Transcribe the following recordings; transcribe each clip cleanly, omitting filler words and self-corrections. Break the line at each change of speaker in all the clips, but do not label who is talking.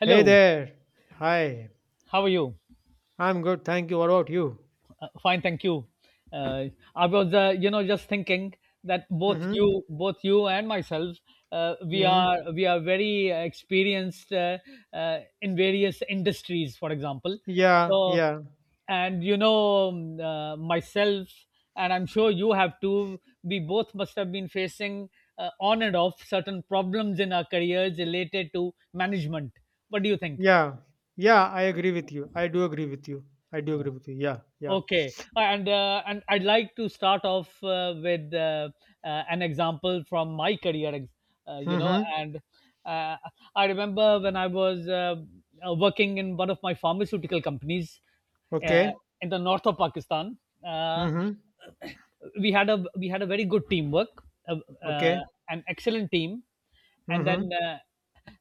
Hey there. Hi.
how are you?
I'm good, thank you. What about you?
Fine, thank you. Uh, I was, just thinking that
Mm-hmm.
both you and myself, we
Mm-hmm.
are we are very experienced in various industries. For example,
Yeah.
so
Yeah.
and you know myself, and I'm sure you have too. We both must have been facing on and off certain problems in our careers related to management. What do you think?
Yeah. Yeah, I agree with you. I do agree with you. I do agree with you. Yeah. Yeah.
Okay. And I'd like to start off with an example from my career, ex- you know,
Mm-hmm.
and uh, I remember when I was working in one of my pharmaceutical companies uh,
Okay.
in the north of Pakistan. Uh,
Mm-hmm.
we had a very good teamwork, uh, uh,
Okay.
an excellent team, and then
Mm-hmm.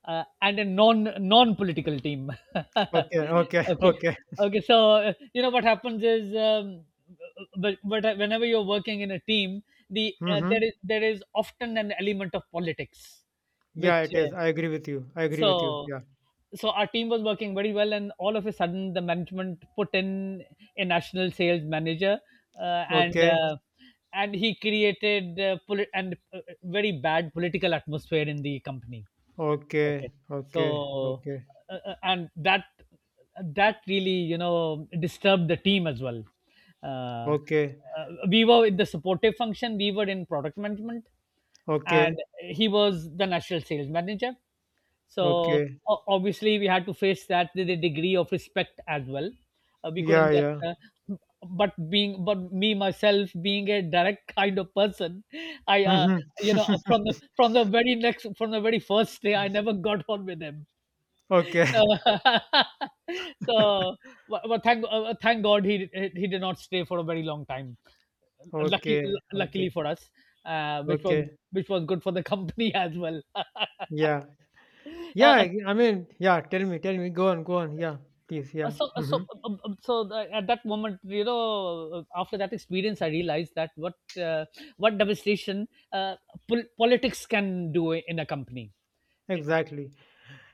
and a non political team.
Okay. Okay.
Okay,
Okay.
okay. So what happens is but whenever you're working in a team,
Mm-hmm.
there is often an element of politics,
Yeah,
which
it is. I agree with you. I agree
so
with you. Yeah.
so our team was working very well, and all of a sudden the management put in a national sales manager, uh, and
Okay.
uh, and he created poli- and very bad political atmosphere in the company.
Okay.
Okay.
Okay.
So,
Okay.
and that really, you know, disturbed the team as well. Uh,
Okay.
we were in the supportive function. We were in product management, and
Okay.
he was the national sales manager. So
Okay.
o- obviously, we had to face that with a degree of respect as well. We
Yeah.
couldn't just,
Yeah.
But me myself being a direct kind of person, I, uh,
Mm-hmm.
you know, from the from the very next from the very first day, I never got on with him.
okay.
So so, but thank God he did not stay for a very long time. Lucky
Okay.
Luckily
Okay.
for us, which was
Okay.
good for the company as well.
Yeah. Yeah, I
Uh,
I mean, yeah, tell me, tell me. Go on, go on. Yeah, please.
uh,
Yeah.
so uh,
Hmm.
so so the at that moment, you know, after that experience, I realized that uh, what devastation uh, politics can do in a company.
Exactly.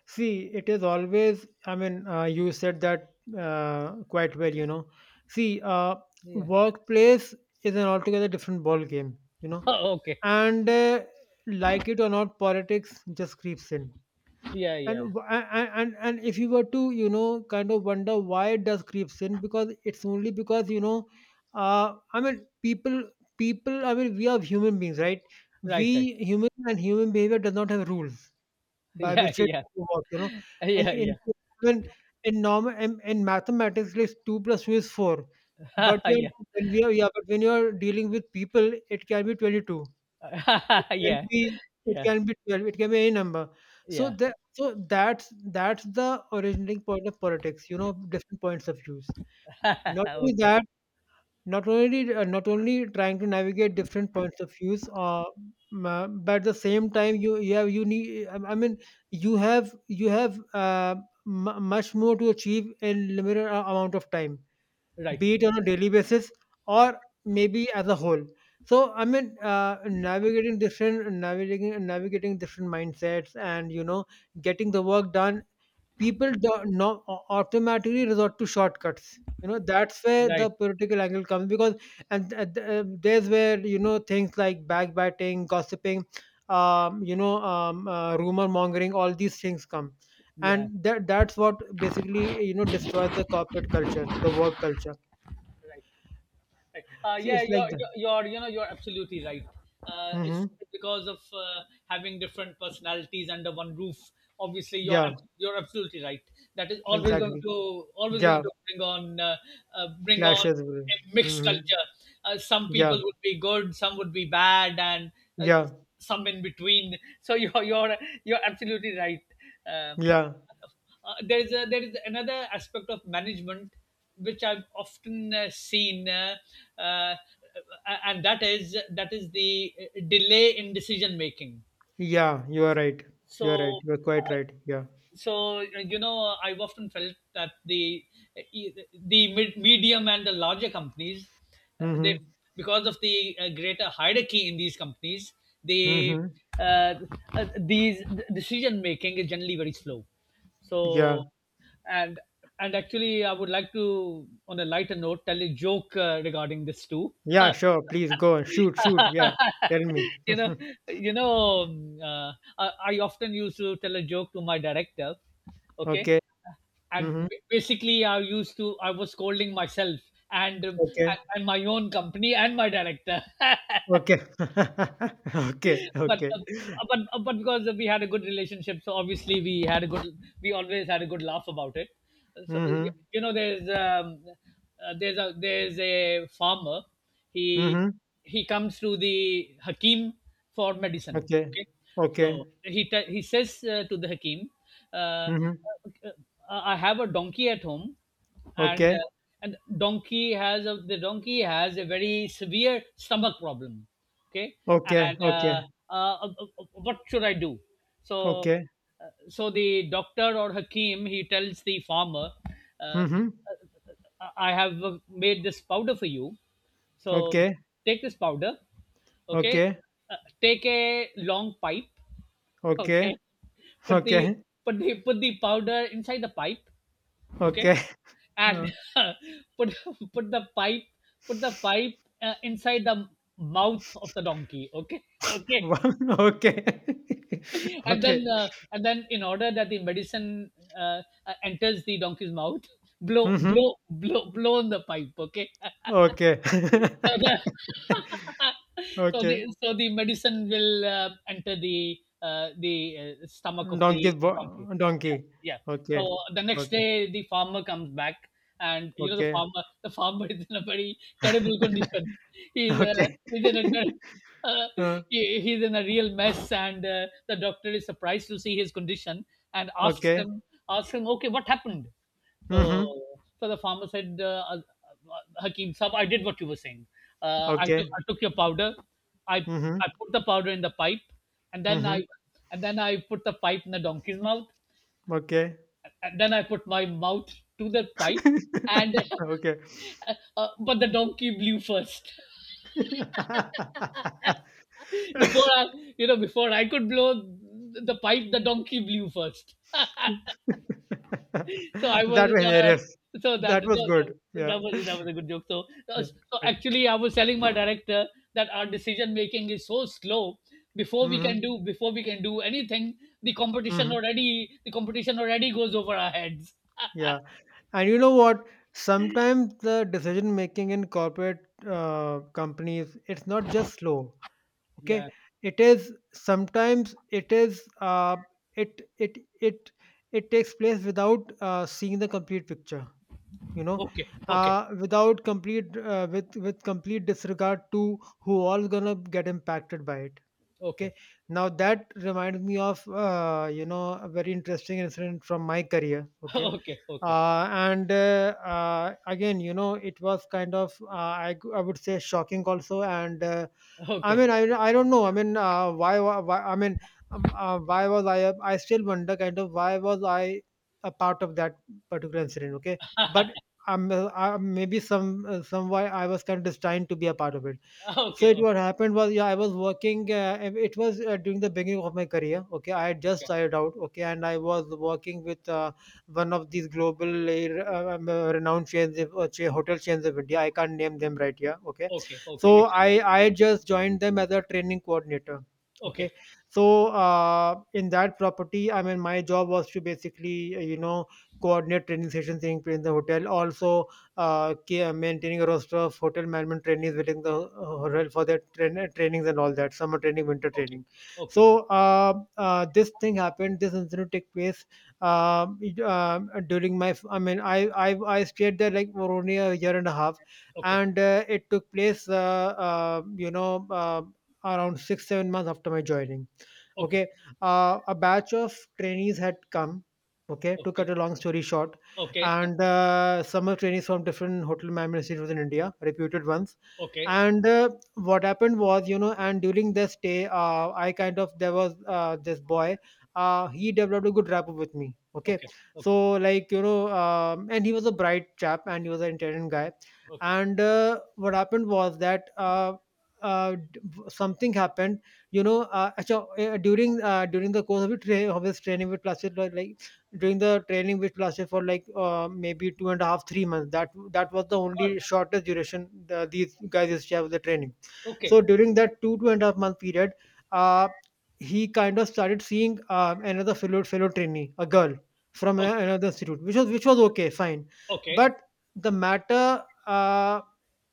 See, it is always, you said that quite well, you know. See,
Yeah.
workplace is an altogether different ball game, you know.
Okay.
And like it or not, politics just creeps in.
Yeah,
And
yeah.
w- a- and if you were to, you know, kind of wonder why it does creeps in, because it's only because, you know uh i mean people people, I mean, we are human beings, right?
Right,
We
right.
human, and human behavior does not have rules by
Yeah,
which it
yeah,
works, you know. in
yeah,
in
yeah,
when in normal in, in mathematics it's two plus two is four, but
yeah,
when we are yeah but when you are dealing with people, it can be 22, it can
yeah,
be it
yeah,
can be 12, it can be any number. So
yeah.
that, so that's that's the originating point of politics, you know, different points of views. Not only
Okay,
that, not only trying to navigate different points of views, but at the same time, you have you need. I mean, you have much more to achieve in limited amount of time,
right,
be it on a daily basis or maybe as a whole. So I mean, navigating different mindsets, and you know, getting the work done. People do not automatically resort to shortcuts. You know, that's where
right,
the political angle comes because, there's where you know things like backbiting, gossiping, rumor mongering, all these things come,
yeah,
and that's what basically you know destroys the corporate culture, the work culture.
right. Right.
See,
Yeah,
it's like that.
you're absolutely right. It's
Hmm.
because of having different personalities under one roof. Obviously,
Yeah,
you're absolutely right. That is
exactly.
always going
Yeah,
to bring on uh, bring on
clashes. Will.
a mixed
Mm-hmm.
culture. Some
Yeah,
people would be good, some would be bad, and uh,
yeah,
some in between. So you're absolutely right. Uh,
yeah,
there is there is another aspect of management which I've often seen, uh, and that is the delay in decision making.
yeah. You are right. You are right.
So,
You are quite right. Yeah.
you know, I've often felt that e, the medium and the larger companies, they
Mm-hmm.
because of the greater hierarchy in these companies, they
Mm-hmm.
uh, these decision making is generally very slow. So
Yeah.
and actually, I would like to, on a lighter note, tell a joke regarding this too.
Yeah, sure. Please go and shoot. Shoot. Yeah. Tell me.
you know, you know, I often used to tell a joke to my director. Okay,
okay.
and
Mm-hmm.
basically, I used to I was scolding myself and
Okay.
and my own company and my director.
Okay. okay.
but
Okay.
uh, but because we had a good relationship, so obviously we had a good we always had a good laugh about it. So,
Mm-hmm.
you know, there's there's a farmer. He
Mm-hmm.
he comes to the Hakim for medicine.
Okay.
Okay, so
Okay.
he says to the Hakim, uh,
Mm-hmm.
"I have a donkey at home, and
Okay.
uh, and donkey has a the donkey has a very severe stomach problem." Okay,
Okay.
and
Okay.
what should I do? So
Okay.
so the doctor or hakim, he tells the farmer, uh, uh,
Mm-hmm.
"I have made this powder for you, so
Okay.
take this powder, okay,
Okay.
take a long pipe, okay,
Okay.
put the
Okay.
put the powder inside the pipe, okay,
Okay.
and
Okay.
put put the pipe put the pipe inside the mouth of the donkey, okay, okay,
Okay. Okay.
and then in order that the medicine enters the donkey's mouth,
Mm-hmm.
blow on the pipe, okay,
Okay.
so the
Okay.
so the medicine will enter the stomach of
Donkey.
the donkey."
Bo- donkey.
Yeah, yeah.
Okay.
So the next
Okay.
day, the farmer comes back, and you know,
Okay.
the farmer is in a very terrible condition. He's uh,
Okay.
he's in a ter- uh,
Okay.
he, he's in a real mess, and the doctor is surprised to see his condition and
Okay.
asks him, "Okay, what happened?" So,
Mm-hmm.
so the farmer said, "Hakeem Saab, I did what you were saying.
Okay.
I took your powder, I
Mm-hmm.
I put the powder in the pipe, and then
Mm-hmm.
I and then I put the pipe in the donkey's mouth,
Okay.
and then I put my mouth to the pipe, and
Okay.
but the donkey blew first." Before I, you know, before I could blow the pipe, the donkey blew first. So I was
That
in
was hilarious.
a— so
That was good. Yeah.
that was a good joke. So
Yeah.
so
Bye.
actually, I was telling my director that our decision making is so slow. Before we
Mhm,
can do— before we can do anything,
mhm.
the competition already goes over our heads.
Yeah. And you know what? Sometimes the decision making in corporate companies, it's not just slow. Okay.
Yeah.
It is sometimes, it is it it it it takes place without seeing the complete picture. You know,
Okay. Okay.
without complete with complete disregard to who all is gonna get impacted by it.
Okay.
Okay. Now that reminds me of you know a very interesting incident from my career. Okay,
Okay. Okay.
and again you know it was kind of I would say shocking also, and i
Okay.
mean i, I don't know, I mean why, wa- why I mean why was I I still wonder kind of why was I a part of that particular incident, okay, but maybe some, why I was kind of destined to be a part of it. So
Okay.
it,
Okay.
what happened was, yeah, I was working. And it was during the beginning of my career. Okay, I had just started out. Okay, and I was working with one of these global renowned chains, hotel chains of India. I can't name them right here. Okay,
Okay. Okay.
so
Excellent.
I had just joined them as a training coordinator.
Okay.
Okay, so in that property, I mean, my job was to basically you know coordinate training sessions taking place in the hotel. Also, maintaining a roster of hotel management trainees within the hotel for their trainings and all that, summer training, winter
Okay.
training.
Okay. Okay.
So this thing happened. This incident took place during my. I mean, I, I stayed there like for only 1 and a half year,
Okay.
and it took place. Around 6 or 7 months after my joining,
Okay. Okay. Okay.
okay. A batch of trainees had come, okay, to cut a long story short,
Okay.
and summer trainees from different hotel management institutes in India, reputed ones.
Okay.
And what happened was, you know, and during their stay, I kind of, there was this boy. He developed a good rapport with me. Okay,
Okay.
so like you know, and he was a bright chap, and he was an intelligent guy.
Okay.
And what happened was that uh, d- something happened, you know, acha, during the course of it, of his training with plastic, like during the training which lasted for like maybe two and a half 3 months, that that was the only shortest duration the, these guys used to have the training. So
Okay.
during that two and a half month period, uh, he kind of started seeing another fellow trainee, a girl from
Okay.
another institute, which was, which was okay, fine.
Okay.
But the matter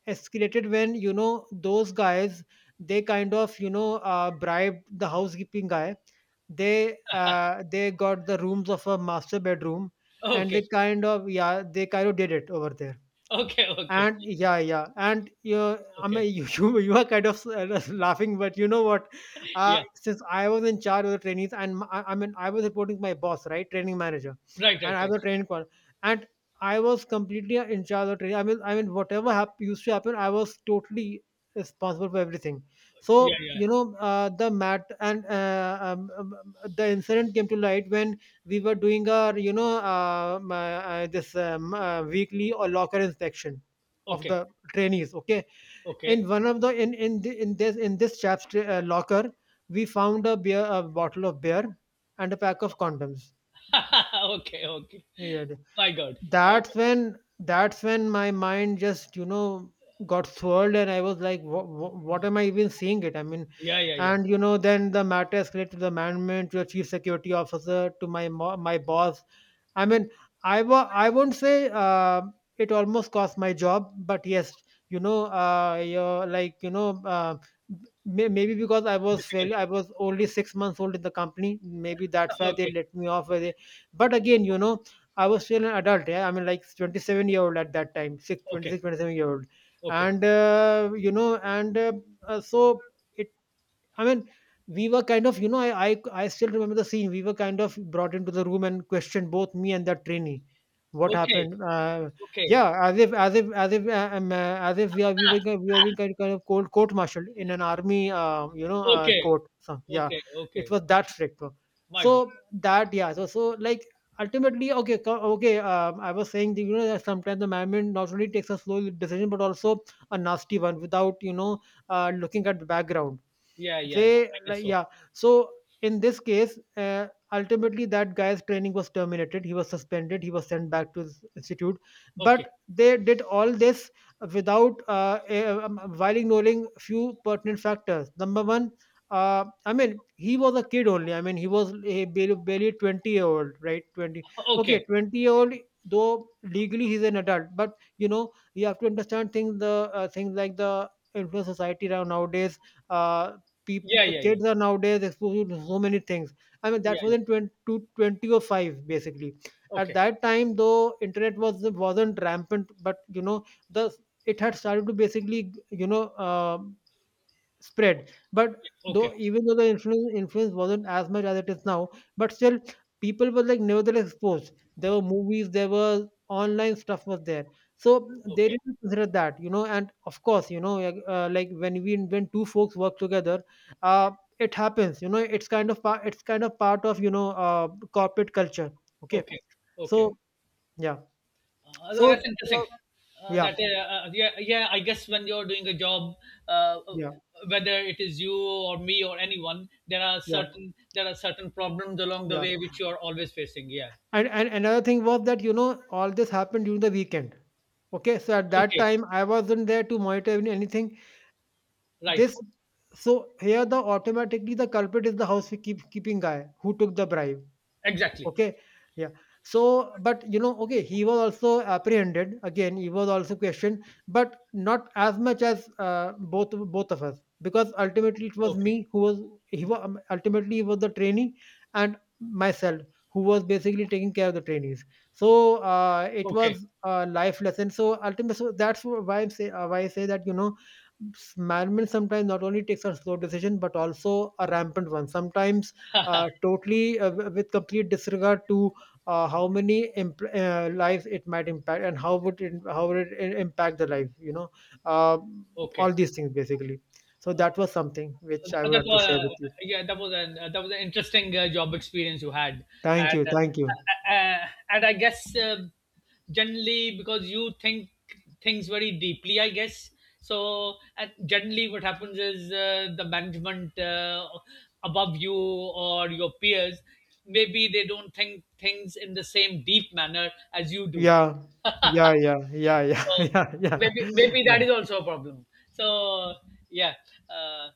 escalated when you know those guys they kind of you know bribed the housekeeping guy, they got the rooms of a master bedroom, and
Okay.
they kind of, yeah, they kind of did it over there.
Okay. Okay.
And yeah, yeah. And you I
Okay.
mean you, you are kind of laughing, but you know what,
Yeah.
since I was in charge of the trainees, and I I mean I was reporting to my boss, right, training manager,
Right.
and
Right. Right.
and I was completely in charge of training. I mean whatever used to happen, I was totally responsible for everything.
Yeah.
So
Yeah.
you know the mat and the incident came to light when we were doing our, you know, my, this weekly or locker inspection of
Okay.
the trainees, okay.
Okay.
in one of the in the, in this chap's locker we found a bottle of beer and a pack of condoms.
Okay. Okay.
Yeah.
My God. My
That's
God.
when, that's when my mind just you know got swirled, and I was like what am I even seeing, it I mean.
Yeah. Yeah. Yeah.
And you know then the matter escalated to the management, to the chief security officer, to my boss. I mean, I won't say it almost cost my job, but yes, you know, you're like you know, may- maybe because I was fairly,
Difficult.
I was only 6 months old in the company. Maybe that's why they
Okay.
let me off. Where they, but again, you know, I was still an adult. Yeah, I mean, like 27-year-old at that time, six twenty-six,
Okay.
27 year old,
Okay.
and you know, and so it I mean, we were kind of, you know, I still remember the scene. We were kind of brought into the room and questioned, both me and that trainee. What
Okay.
happened?
Okay.
Yeah, as if we were we were being kind, kind of cold court martialed in an army,
Okay.
court. So, yeah,
Okay.
it
Okay.
was that strict. Though.
My
So
God.
that, yeah, so so like ultimately, okay, okay. I was saying that, you know, that sometimes the management not only takes a slow decision but also a nasty one without you know looking at the background.
Yeah. Yeah.
They
I guess
like,
so.
yeah. So in this case, ultimately that guy's training was terminated. He was suspended. He was sent back to his institute.
Okay.
But they did all this without while ignoring few pertinent factors. Number one, I mean, he was a kid only. I mean, he was a, barely 20-year-old, right? 20.
Okay.
Okay, 20 year old, though legally he's an adult. But, you know, you have to understand things, the things like the influence society around nowadays. Uh, People,
Yeah. Yeah. Yeah.
kids are nowadays exposed to so many things. I mean,
Yeah.
that was
Yeah.
in 20, 20 or 5, basically. At
Okay.
that time, though internet wasn't rampant, but you know, the it had started to basically, you know, spread. But
Yeah. Okay.
though even though the influence wasn't as much as it is now, but still people were, like, nevertheless exposed. There were movies, there was online stuff was there, so they
Okay.
didn't consider that, you know. And of course, you know, like when we when two folks work together, uh, it happens. You know, It's kind of part. Of, you know, corporate culture. Okay,
Okay. Okay.
so yeah, so
That's interesting.
yeah,
That Yeah, yeah. I guess when you're doing a job, uh,
yeah,
whether it is you or me or anyone, there are
yeah,
certain— there are certain problems along the
yeah.
way which you are always facing. Yeah.
And another thing was that, you know, all this happened during the weekend. Okay, so at that
Okay.
time I wasn't there to monitor anything.
Right.
This so Here the automatically the culprit is the housekeeping guy who took the bribe.
Exactly.
Okay. Yeah. So, but you know, okay, he was also apprehended. Again, he was also questioned, but not as much as both of us, because ultimately it was
Okay.
me who was he was ultimately he was the trainee, and myself who was basically taking care of the trainees. So it
Okay.
was a life lesson. So ultimately, so that's why I say, that, you know, management sometimes not only takes a slow decision but also a rampant one. Sometimes totally with complete disregard to, lives it might impact, and how would it, impact the life, you know, uh, all
Okay.
these things basically. So that was something which I would
That
want to
was
share with you.
yeah, that was an interesting job experience you had,
Thank you,
and
thank you.
uh, uh, I guess, generally, because you think things very deeply, I guess, so and generally what happens is, the management above you or your peers, maybe they don't think things in the same deep manner as you do.
Yeah, yeah, yeah, yeah, yeah.
So
Yeah, yeah,
maybe
yeah.
that is also a problem. So yeah, uh,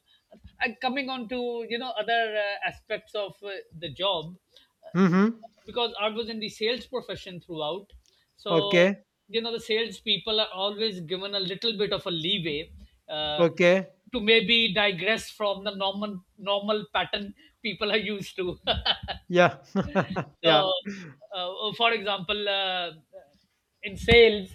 and coming on to, you know, other aspects of the job, uh,
Mm-hmm.
because I was in the sales profession throughout. So,
Okay,
you know, the sales people are always given a little bit of a leeway uh,
okay.
to maybe digress from the normal pattern people are used to.
Yeah. Yeah.
So, for example, in sales,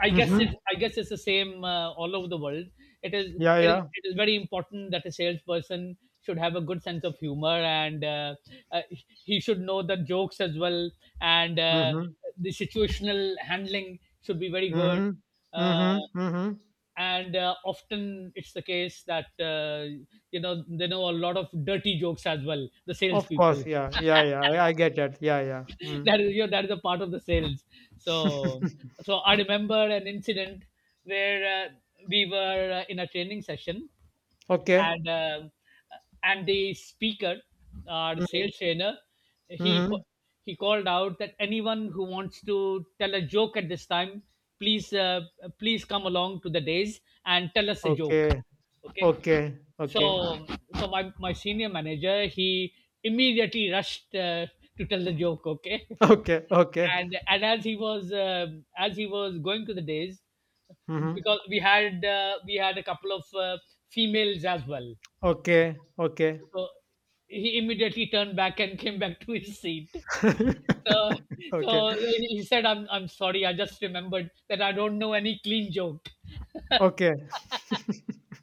I guess it—
Mm-hmm.
I guess it's the same all over the world. It is.
Yeah,
It is.
yeah.
It is very important that a salesperson should have a good sense of humor, and uh, he should know the jokes as well, and
Mm-hmm.
the situational handling should be very good.
Mm-hmm.
Uh,
Mm-hmm. Mm-hmm.
and often it's the case that you know, they know a lot of dirty jokes as well. The
Of course,
salespeople.
yeah, yeah, yeah. I get it. Yeah, yeah. Mm.
That is, you know, that is a part of the sales. So so I remember an incident where we were in a training session,
Okay.
and uh, and the speaker, our
Mm-hmm.
sales trainer, he
Mm-hmm.
ca- he called out that anyone who wants to tell a joke at this time, please please come along to the days and tell us a joke.
Okay.
Okay.
Okay. Okay.
So so my senior manager, he immediately rushed to tell the joke, okay,
Okay. Okay.
and as he was going to the days
Mm-hmm.
because we had— we had a couple of females as well,
Okay. Okay.
so he immediately turned back and came back to his seat. So so
okay.
he said, I'm sorry, I just remembered that I don't know any clean joke.
Okay.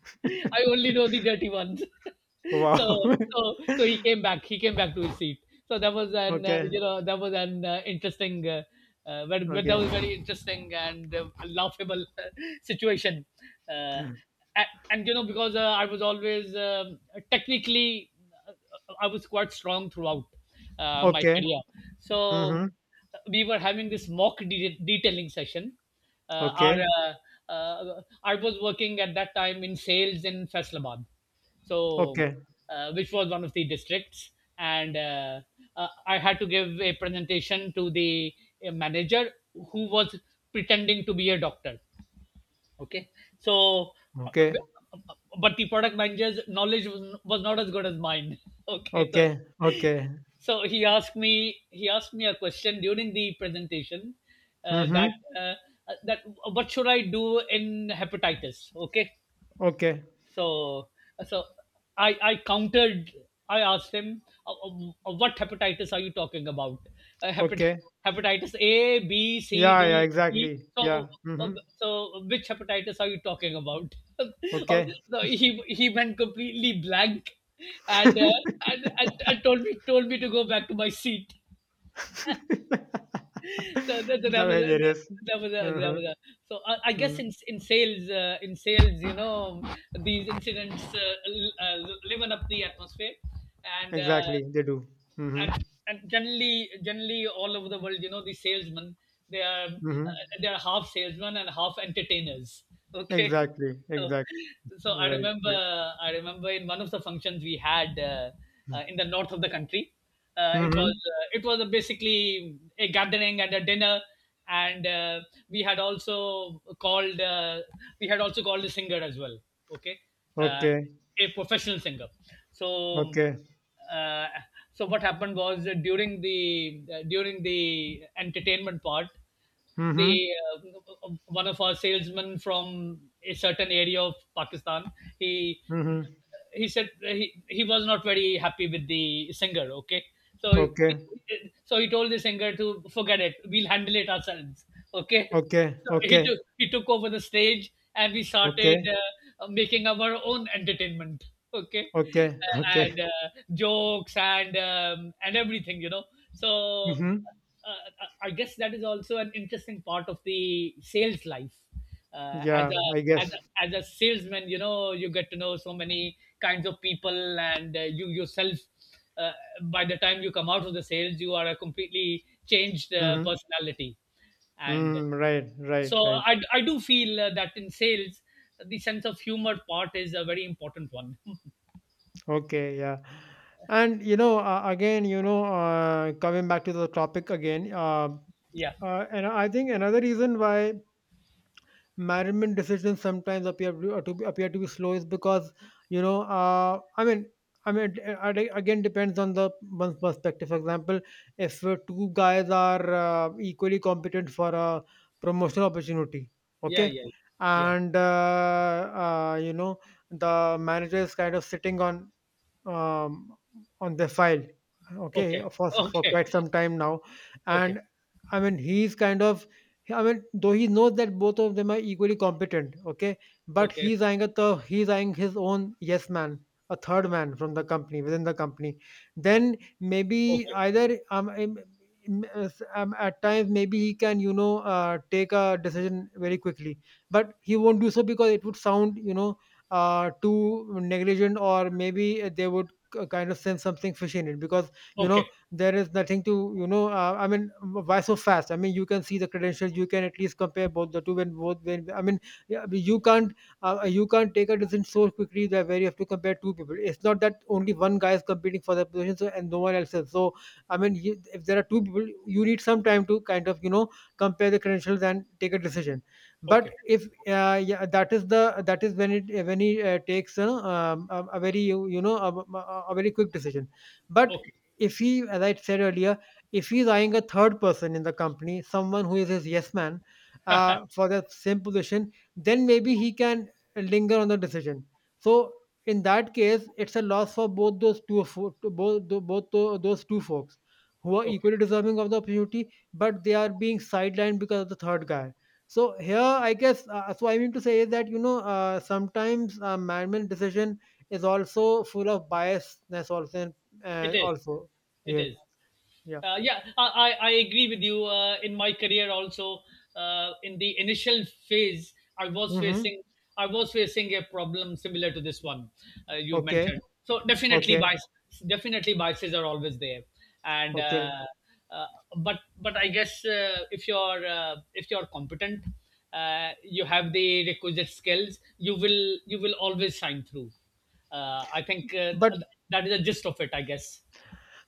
I only know the dirty ones." So
Wow.
so so he came back. He came back to his seat. So that was an
okay.
you know, that was an interesting— but that
Okay.
was very interesting and laughable situation, uh, and you know, because I was always technically, uh, I was quite strong throughout my
Okay.
career. So
Mm-hmm.
we were having this mock detailing session. Our
Okay.
I was working at that time in sales in Faisalabad, so
Okay.
which was one of the districts, and I had to give a presentation to the manager who was pretending to be a doctor, okay. So
Okay.
but the product manager's knowledge was not as good as mine. Okay, so
Okay. Okay.
he asked me a question during the presentation,
Mm-hmm.
that uh, that what should I do in hepatitis, okay.
Okay.
So, so I countered. I asked him, "What hepatitis are you talking about? Uh, hepat-
Okay.
Hepatitis A, B, C,
Yeah, yeah,
D, E.
exactly. Yeah.
So, uh, uh,
Mm-hmm.
so which hepatitis are you talking about?" Uh,
Okay.
no, he went completely blank, and, uh, and and and told me to go back to my seat. So that,
They're hilarious.
that was a,
Mhm,
so I guess
mhm.
in in sales, you know, these incidents liven up the atmosphere, and uh,
Exactly, they do. Mhm,
and generally all over the world, you know, the salesmen,
mhm.
they are half salesmen and half entertainers, okay.
Exactly,
so,
exactly.
so I
Right,
remember
right.
I remember in one of the functions we had, in the north of the country. It was
Mm-hmm.
it was a basically a gathering and a dinner, and we had also called, we had also called a singer as well, okay. uh,
Okay,
a professional singer. So
okay.
uh, so what happened was, during the entertainment part, the
Mm-hmm.
one of our salesmen from a certain area of Pakistan. He
Mm-hmm.
he said he was not very happy with the singer. Okay, so he,
Okay,
so he told the singer to forget it. We'll handle it ourselves. Okay,
okay,
so he
okay,
took, he took over the stage, and we started
okay,
making our own entertainment. Okay,
okay, okay.
and jokes and everything. So
Mm-hmm.
uh, I guess that is also an interesting part of the sales life. As
Yeah, I
a
guess.
as a salesman, you know, you get to know so many kinds of people, and you yourself. Uh, by the time you come out of the sales, you are a completely changed
Mm-hmm.
personality, and
Mm, right,
so
right, right.
I do feel that in sales, the sense of humor part is a very important one.
Okay, yeah. And you know, again, you know, coming back to the topic again,
Yeah,
And I think another reason why management decisions sometimes appear to, be slow is because, you know, I mean, it, it again depends on the one's perspective. For example, if two guys are equally competent for a promotional opportunity,
yeah,
okay,
yeah, yeah.
and you know, the manager is kind of sitting on, um, on the file, okay,
Okay,
for
okay,
quite some time now.
okay,
And I mean, he's kind of, I mean, though he knows that both of them are equally competent, okay, but
okay, okay,
he's eyeing a he's eyeing his own yes man, a third man from the company, within the company. Then maybe
okay,
either at times maybe he can, you know, take a decision very quickly, but he won't do so because it would sound, you know, too negligent, or maybe they would kind of sense something fishy in it because, you know,
okay.
there is nothing to, you know, I mean, why so fast? I mean, you can see the credentials, you can at least compare both the two, when both, when, I mean, yeah, you can't, you can't take a decision so quickly that where you have to compare two people. It's not that only one guy is competing for the position so, and no one else is, so I mean, you, if there are two people, you need some time to kind of, you know, compare the credentials and take a decision. But
Okay.
if yeah, that is the that is when it, when he takes a, very, you know, a, very quick decision. But
Okay.
if he, as I said earlier, if he's eyeing a third person in the company, someone who is his yes man for the same position, then maybe he can linger on the decision. So in that case, it's a loss for both those two, both, those two folks who are
Okay.
equally deserving of the opportunity, but they are being sidelined because of the third guy. So here, I guess, so I mean to say is that, you know, sometimes management decision is also full of biasness, also,
It is.
also
It
here,
is.
yeah.
Yeah, I, I agree with you. In my career, also in the initial phase, I was
Mm-hmm.
facing I was facing a problem similar to this one you
Okay,
mentioned. So definitely
okay,
bias, definitely biases are always there, and
okay.
uh, but if you're competent, you have the requisite skills, you will always shine through. I think
But
th- th- That is the gist of it, I guess.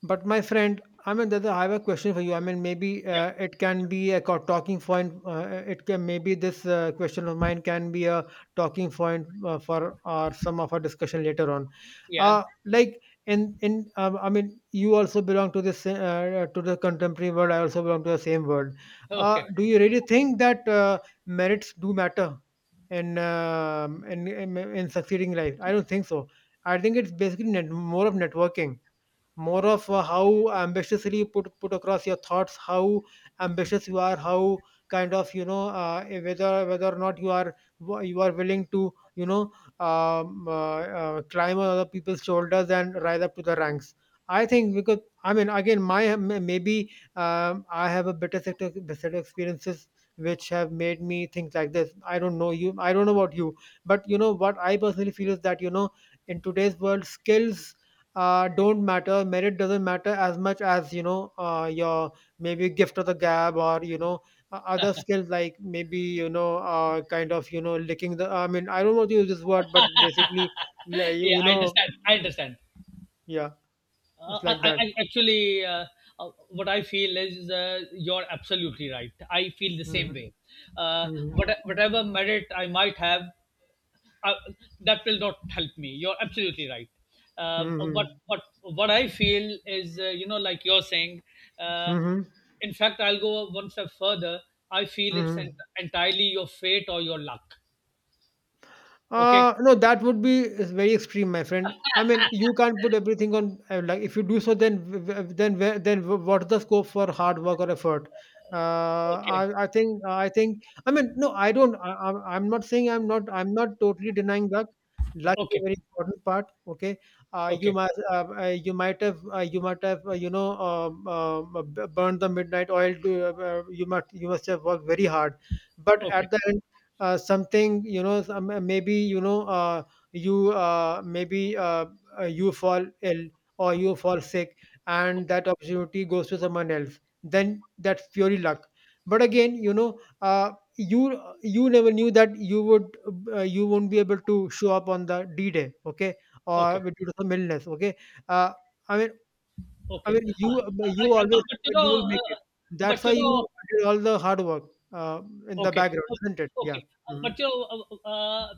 But my friend, I mean, there's a- I have a question for you. I mean, maybe
Yeah.
it can
Yeah.
be a talking point. It can, maybe this question of mine can be a talking point for our some of our discussion later on.
Yeah.
Like, in I mean, you also belong to this to the contemporary world. I also belong to the same world.
Okay.
Do you really think that merits do matter in succeeding life? I don't think so. I think it's basically more of networking, more of how ambitiously you put across your thoughts, how ambitious you are, how kind of, you know, whether, or not you are, you are willing to, you know, climb on other people's shoulders and rise up to the ranks. I think because, I mean, again, my, maybe I have a better set of, experiences which have made me think like this. I don't know you, I don't know about you, but you know what I personally feel is that, you know, in today's world, skills don't matter. Merit doesn't matter as much as, you know, your maybe gift of the gab, or you know, other skills, like maybe, you know, kind of, you know, licking the. I mean, I don't want to use this word, but basically, like,
Yeah,
you
I
know,
understand. I understand.
yeah, it's like that.
Actually, what I feel is, you're absolutely right. I feel the same
Hmm.
way.
Hmm.
What, whatever merit I might have, uh, that will not help me. You're absolutely right. Uh, what
Hmm.
what what I feel is, you know, like you're saying. Uh,
Hmm. Hmm.
in fact, I'll go one step further. I feel it's
Hmm.
entirely your fate or your luck. Okay.
No, that would be is very extreme, my friend. I mean, you can't put everything on, like, if you do so, then then where, then what's the scope for hard work or effort?
Okay.
I think I think, I mean no, I don't. I'm not saying I'm not. I'm not totally denying luck. Luck is a
Okay.
very important part. Okay, you
Okay.
might, you might have, you might have, you know, burned the midnight oil. To, you must, have worked very hard, but
Okay.
at the end, something, you know, some, maybe, you know, you uh, maybe uh, you fall ill, or you fall sick, and that
Okay.
opportunity goes to someone else, then that's purely luck. But again, you know, you, never knew that you would, you won't be able to show up on the d day, okay, or
Okay.
due to some illness, okay. uh, I mean,
Okay.
you, you
But
always
but,
knew
you
that you
know,
will make it. That's
but
why
you
you
know,
did all the hard work uh, in the
okay.
background, isn't it? Yeah.
Okay,
Mhm.
but you know, uh, uh,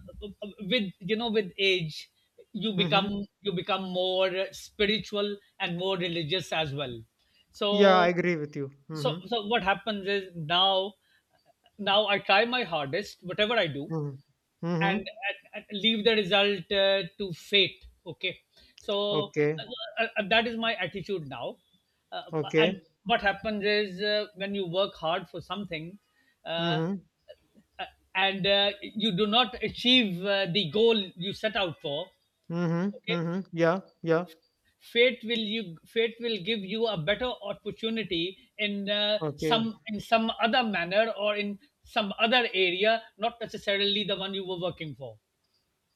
uh, with with age,
Mhm.
you become more spiritual and more religious as well.
Yeah, I
So,
agree with you. Mhm.
so what happens is now, now I try my hardest, whatever I do,
Mhm.
and,
Mhm.
and leave the result to fate, okay. So
Okay.
that is my attitude now. uh,
Okay.
and what happens is, when you work hard for something, uh,
Mhm.
uh, and you do not achieve the goal you set out for,
Mhm.
okay,
Mhm. Yeah. Yeah.
fate will, you, fate will give you a better opportunity in
Okay.
some, in some other manner or in some other area, not necessarily the one you were working for.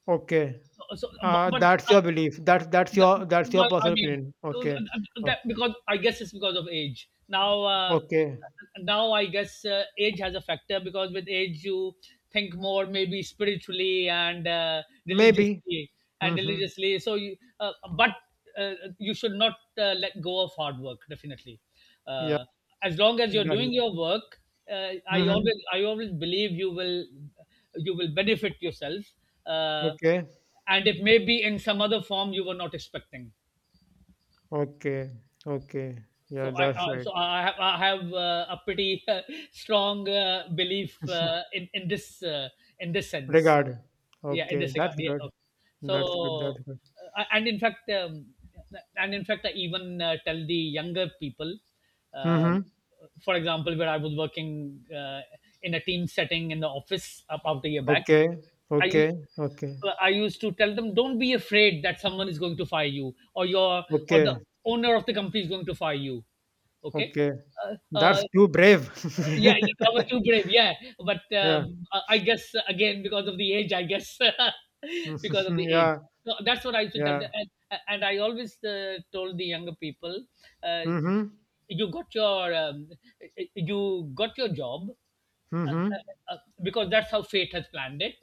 Okay.
So, but
That's
uh,
your belief. That's
that,
your,
I
personal
mean,
opinion. Okay. O-
that, because I guess it's because of age. Now,
Okay.
now I guess age has a factor, because with age you think more maybe spiritually and
Maybe. Mhm.
religiously. So, you, but you should not let go of hard work definitely.
Yeah.
Uh, as long as you're
That is.
doing your work,
Mhm.
I always believe you will, you will benefit yourself. Uh,
Okay.
and it may be in some other form you were not expecting.
Okay. Okay. Yeah,
So I
that's
uh,
right.
so I have, I have a pretty strong belief in in this sense.
Regard.
Yeah, in
Okay.
this regard.
That's
Yeah.
good.
Okay.
That's good.
So
That's good.
uh, and in fact um, and in fact I even tell the younger people. um
Mhm.
for example, where I was working in a team setting in the office about a year back,
Okay.
I
Okay. Okay.
I used to tell them, don't be afraid that someone is going to fire you, or your, or the
Okay.
owner of the company is going to fire you. Okay.
Okay.
Uh, uh,
That's too brave.
yeah, yeah, I was too brave. Yeah, but
Yeah.
I guess again because of the age, I guess because of the age.
Yeah,
So that's what I used to tell them,
yeah.
and I always told the younger people, uh,
Mhm,
you got your um, you got your job
mhm.
because that's how fate has planned it.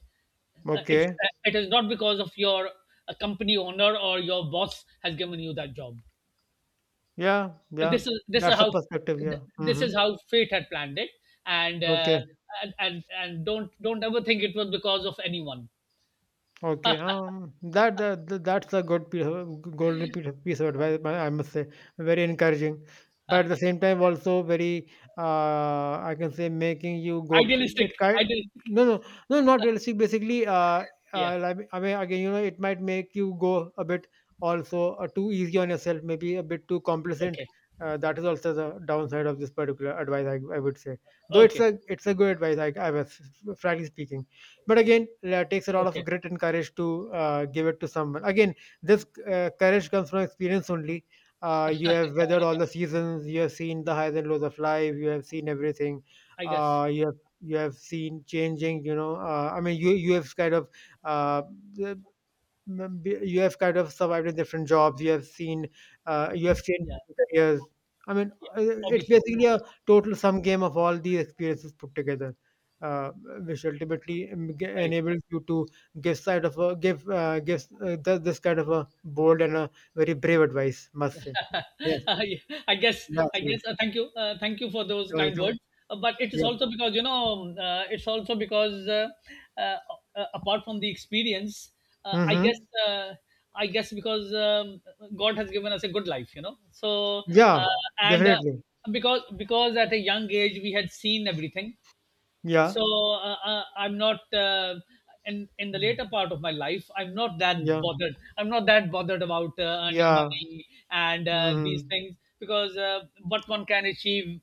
It's,
Okay.
it is not because of your company owner or your boss has given you that job.
Yeah, yeah.
This is
That's a
how
perspective, yeah.
this is
Mhm.
how fate had planned it, and
Okay.
uh, and, and don't ever think it was because of anyone.
Okay, that, that's a good piece of, golden piece of, advice. I must say, very encouraging, but at the same time also very, I can say, making you go, it
Idealistic,
kind.
idealistic.
No, no, no, not realistic. Basically,
Yeah.
like, I mean, again, you know, it might make you go a bit also too easy on yourself, maybe a bit too complacent.
Okay.
That is also the downside of this particular advice. I would say, though
Okay.
it's a good advice. I was, frankly speaking. But again, it takes a lot of
Okay.
grit and courage to give it to someone. Again, this courage comes from experience only. You
Yeah,
have weathered all the
yeah.
seasons. You have seen the highs and lows of life. You have seen everything.
I guess.
You have, seen changing. You know, I mean, you, have kind of, uh, you have kind of survived in different jobs. You have seen, you have changed
Yeah.
careers, I mean,
Yeah.
uh, it's
Obviously.
basically a total sum game of all these experiences put together, uh, which ultimately
Right.
enables you to give side of a give gives th- this kind of a bold and a very brave advice, must say. Yes,
I guess
yes,
I guess
yes.
thank you for those
You're
kind
welcome.
words. But it is
Yeah.
also because you know, it's also because uh, apart from the experience, uh, I guess
Mm-hmm.
uh, I guess because God has given us a good life, you know. So
Yeah.
and
Definitely.
because at a young age we had seen everything.
Yeah.
So I'm not in in the
Mm.
later part of my life, I'm not that
Yeah,
bothered, I'm not that bothered about earning
yeah.
money and these
Mm-hmm.
things, because what one can achieve,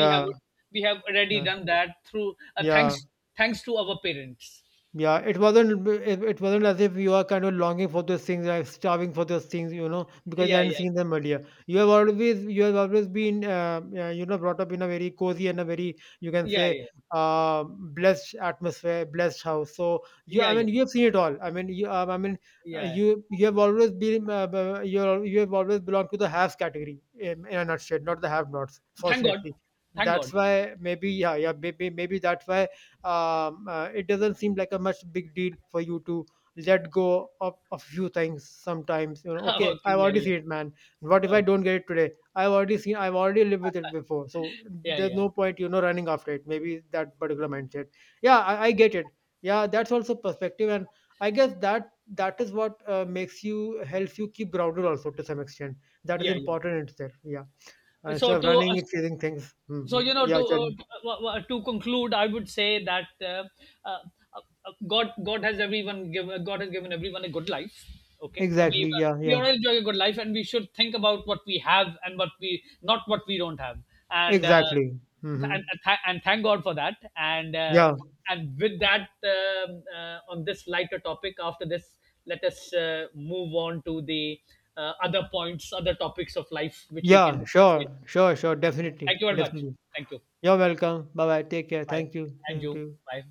we have, we have already
yeah,
done that through
yeah.
thanks to our parents.
Yeah, it wasn't, it wasn't as if you are kind of longing for those things, like starving for those things, you know, because you
Yeah,
hadn't
yeah,
seen them earlier. You have always been, you know, brought up in a very cozy and a very, you can
yeah,
say,
yeah,
blessed atmosphere, blessed house. So you,
yeah,
I
yeah,
mean, you have seen it all. I mean, you, I mean,
yeah.
you, you have always been, you have always belonged to the haves category, in a nutshell, not the have-nots.
Thank God,
Fortunately,
thank God.
that's why maybe, yeah, yeah, maybe maybe that's why, it doesn't seem like a much big deal for you to let go of a few things sometimes, you know. Okay,
Okay,
I've
yeah,
already
yeah.
seen it, man. What if I
Okay.
don't get it today? I've already seen, I've already lived with it before, so
Yeah,
there's
yeah,
no point, you know, running after it. Maybe that particular mindset, yeah, I get it. Yeah, that's also perspective, and I guess that that is what makes you, helps you keep grounded also, to some extent. That is
yeah, yeah.
important in itself, yeah,
so
instead of
to
running and chasing things.
So
Hmm.
you know,
Yeah, tell.
to conclude, I would say that uh, God has everyone given God has given everyone a good life. Okay,
Exactly, yeah,
we
yeah.
all enjoy a good life, and we should think about what we have and what we don't have, and
Exactly. Mhm.
and thank God for that.
Yeah.
And with that, on this lighter topic, after this, let us move on to the other points, other topics of life which we can
Yeah.
discuss later.
Sure. Sure. Sure. Definitely.
Thank you very much.
Definitely.
Thank you.
You're welcome. Bye bye. Take care.
Bye.
Thank you.
And
Same to
you.
you.
Bye.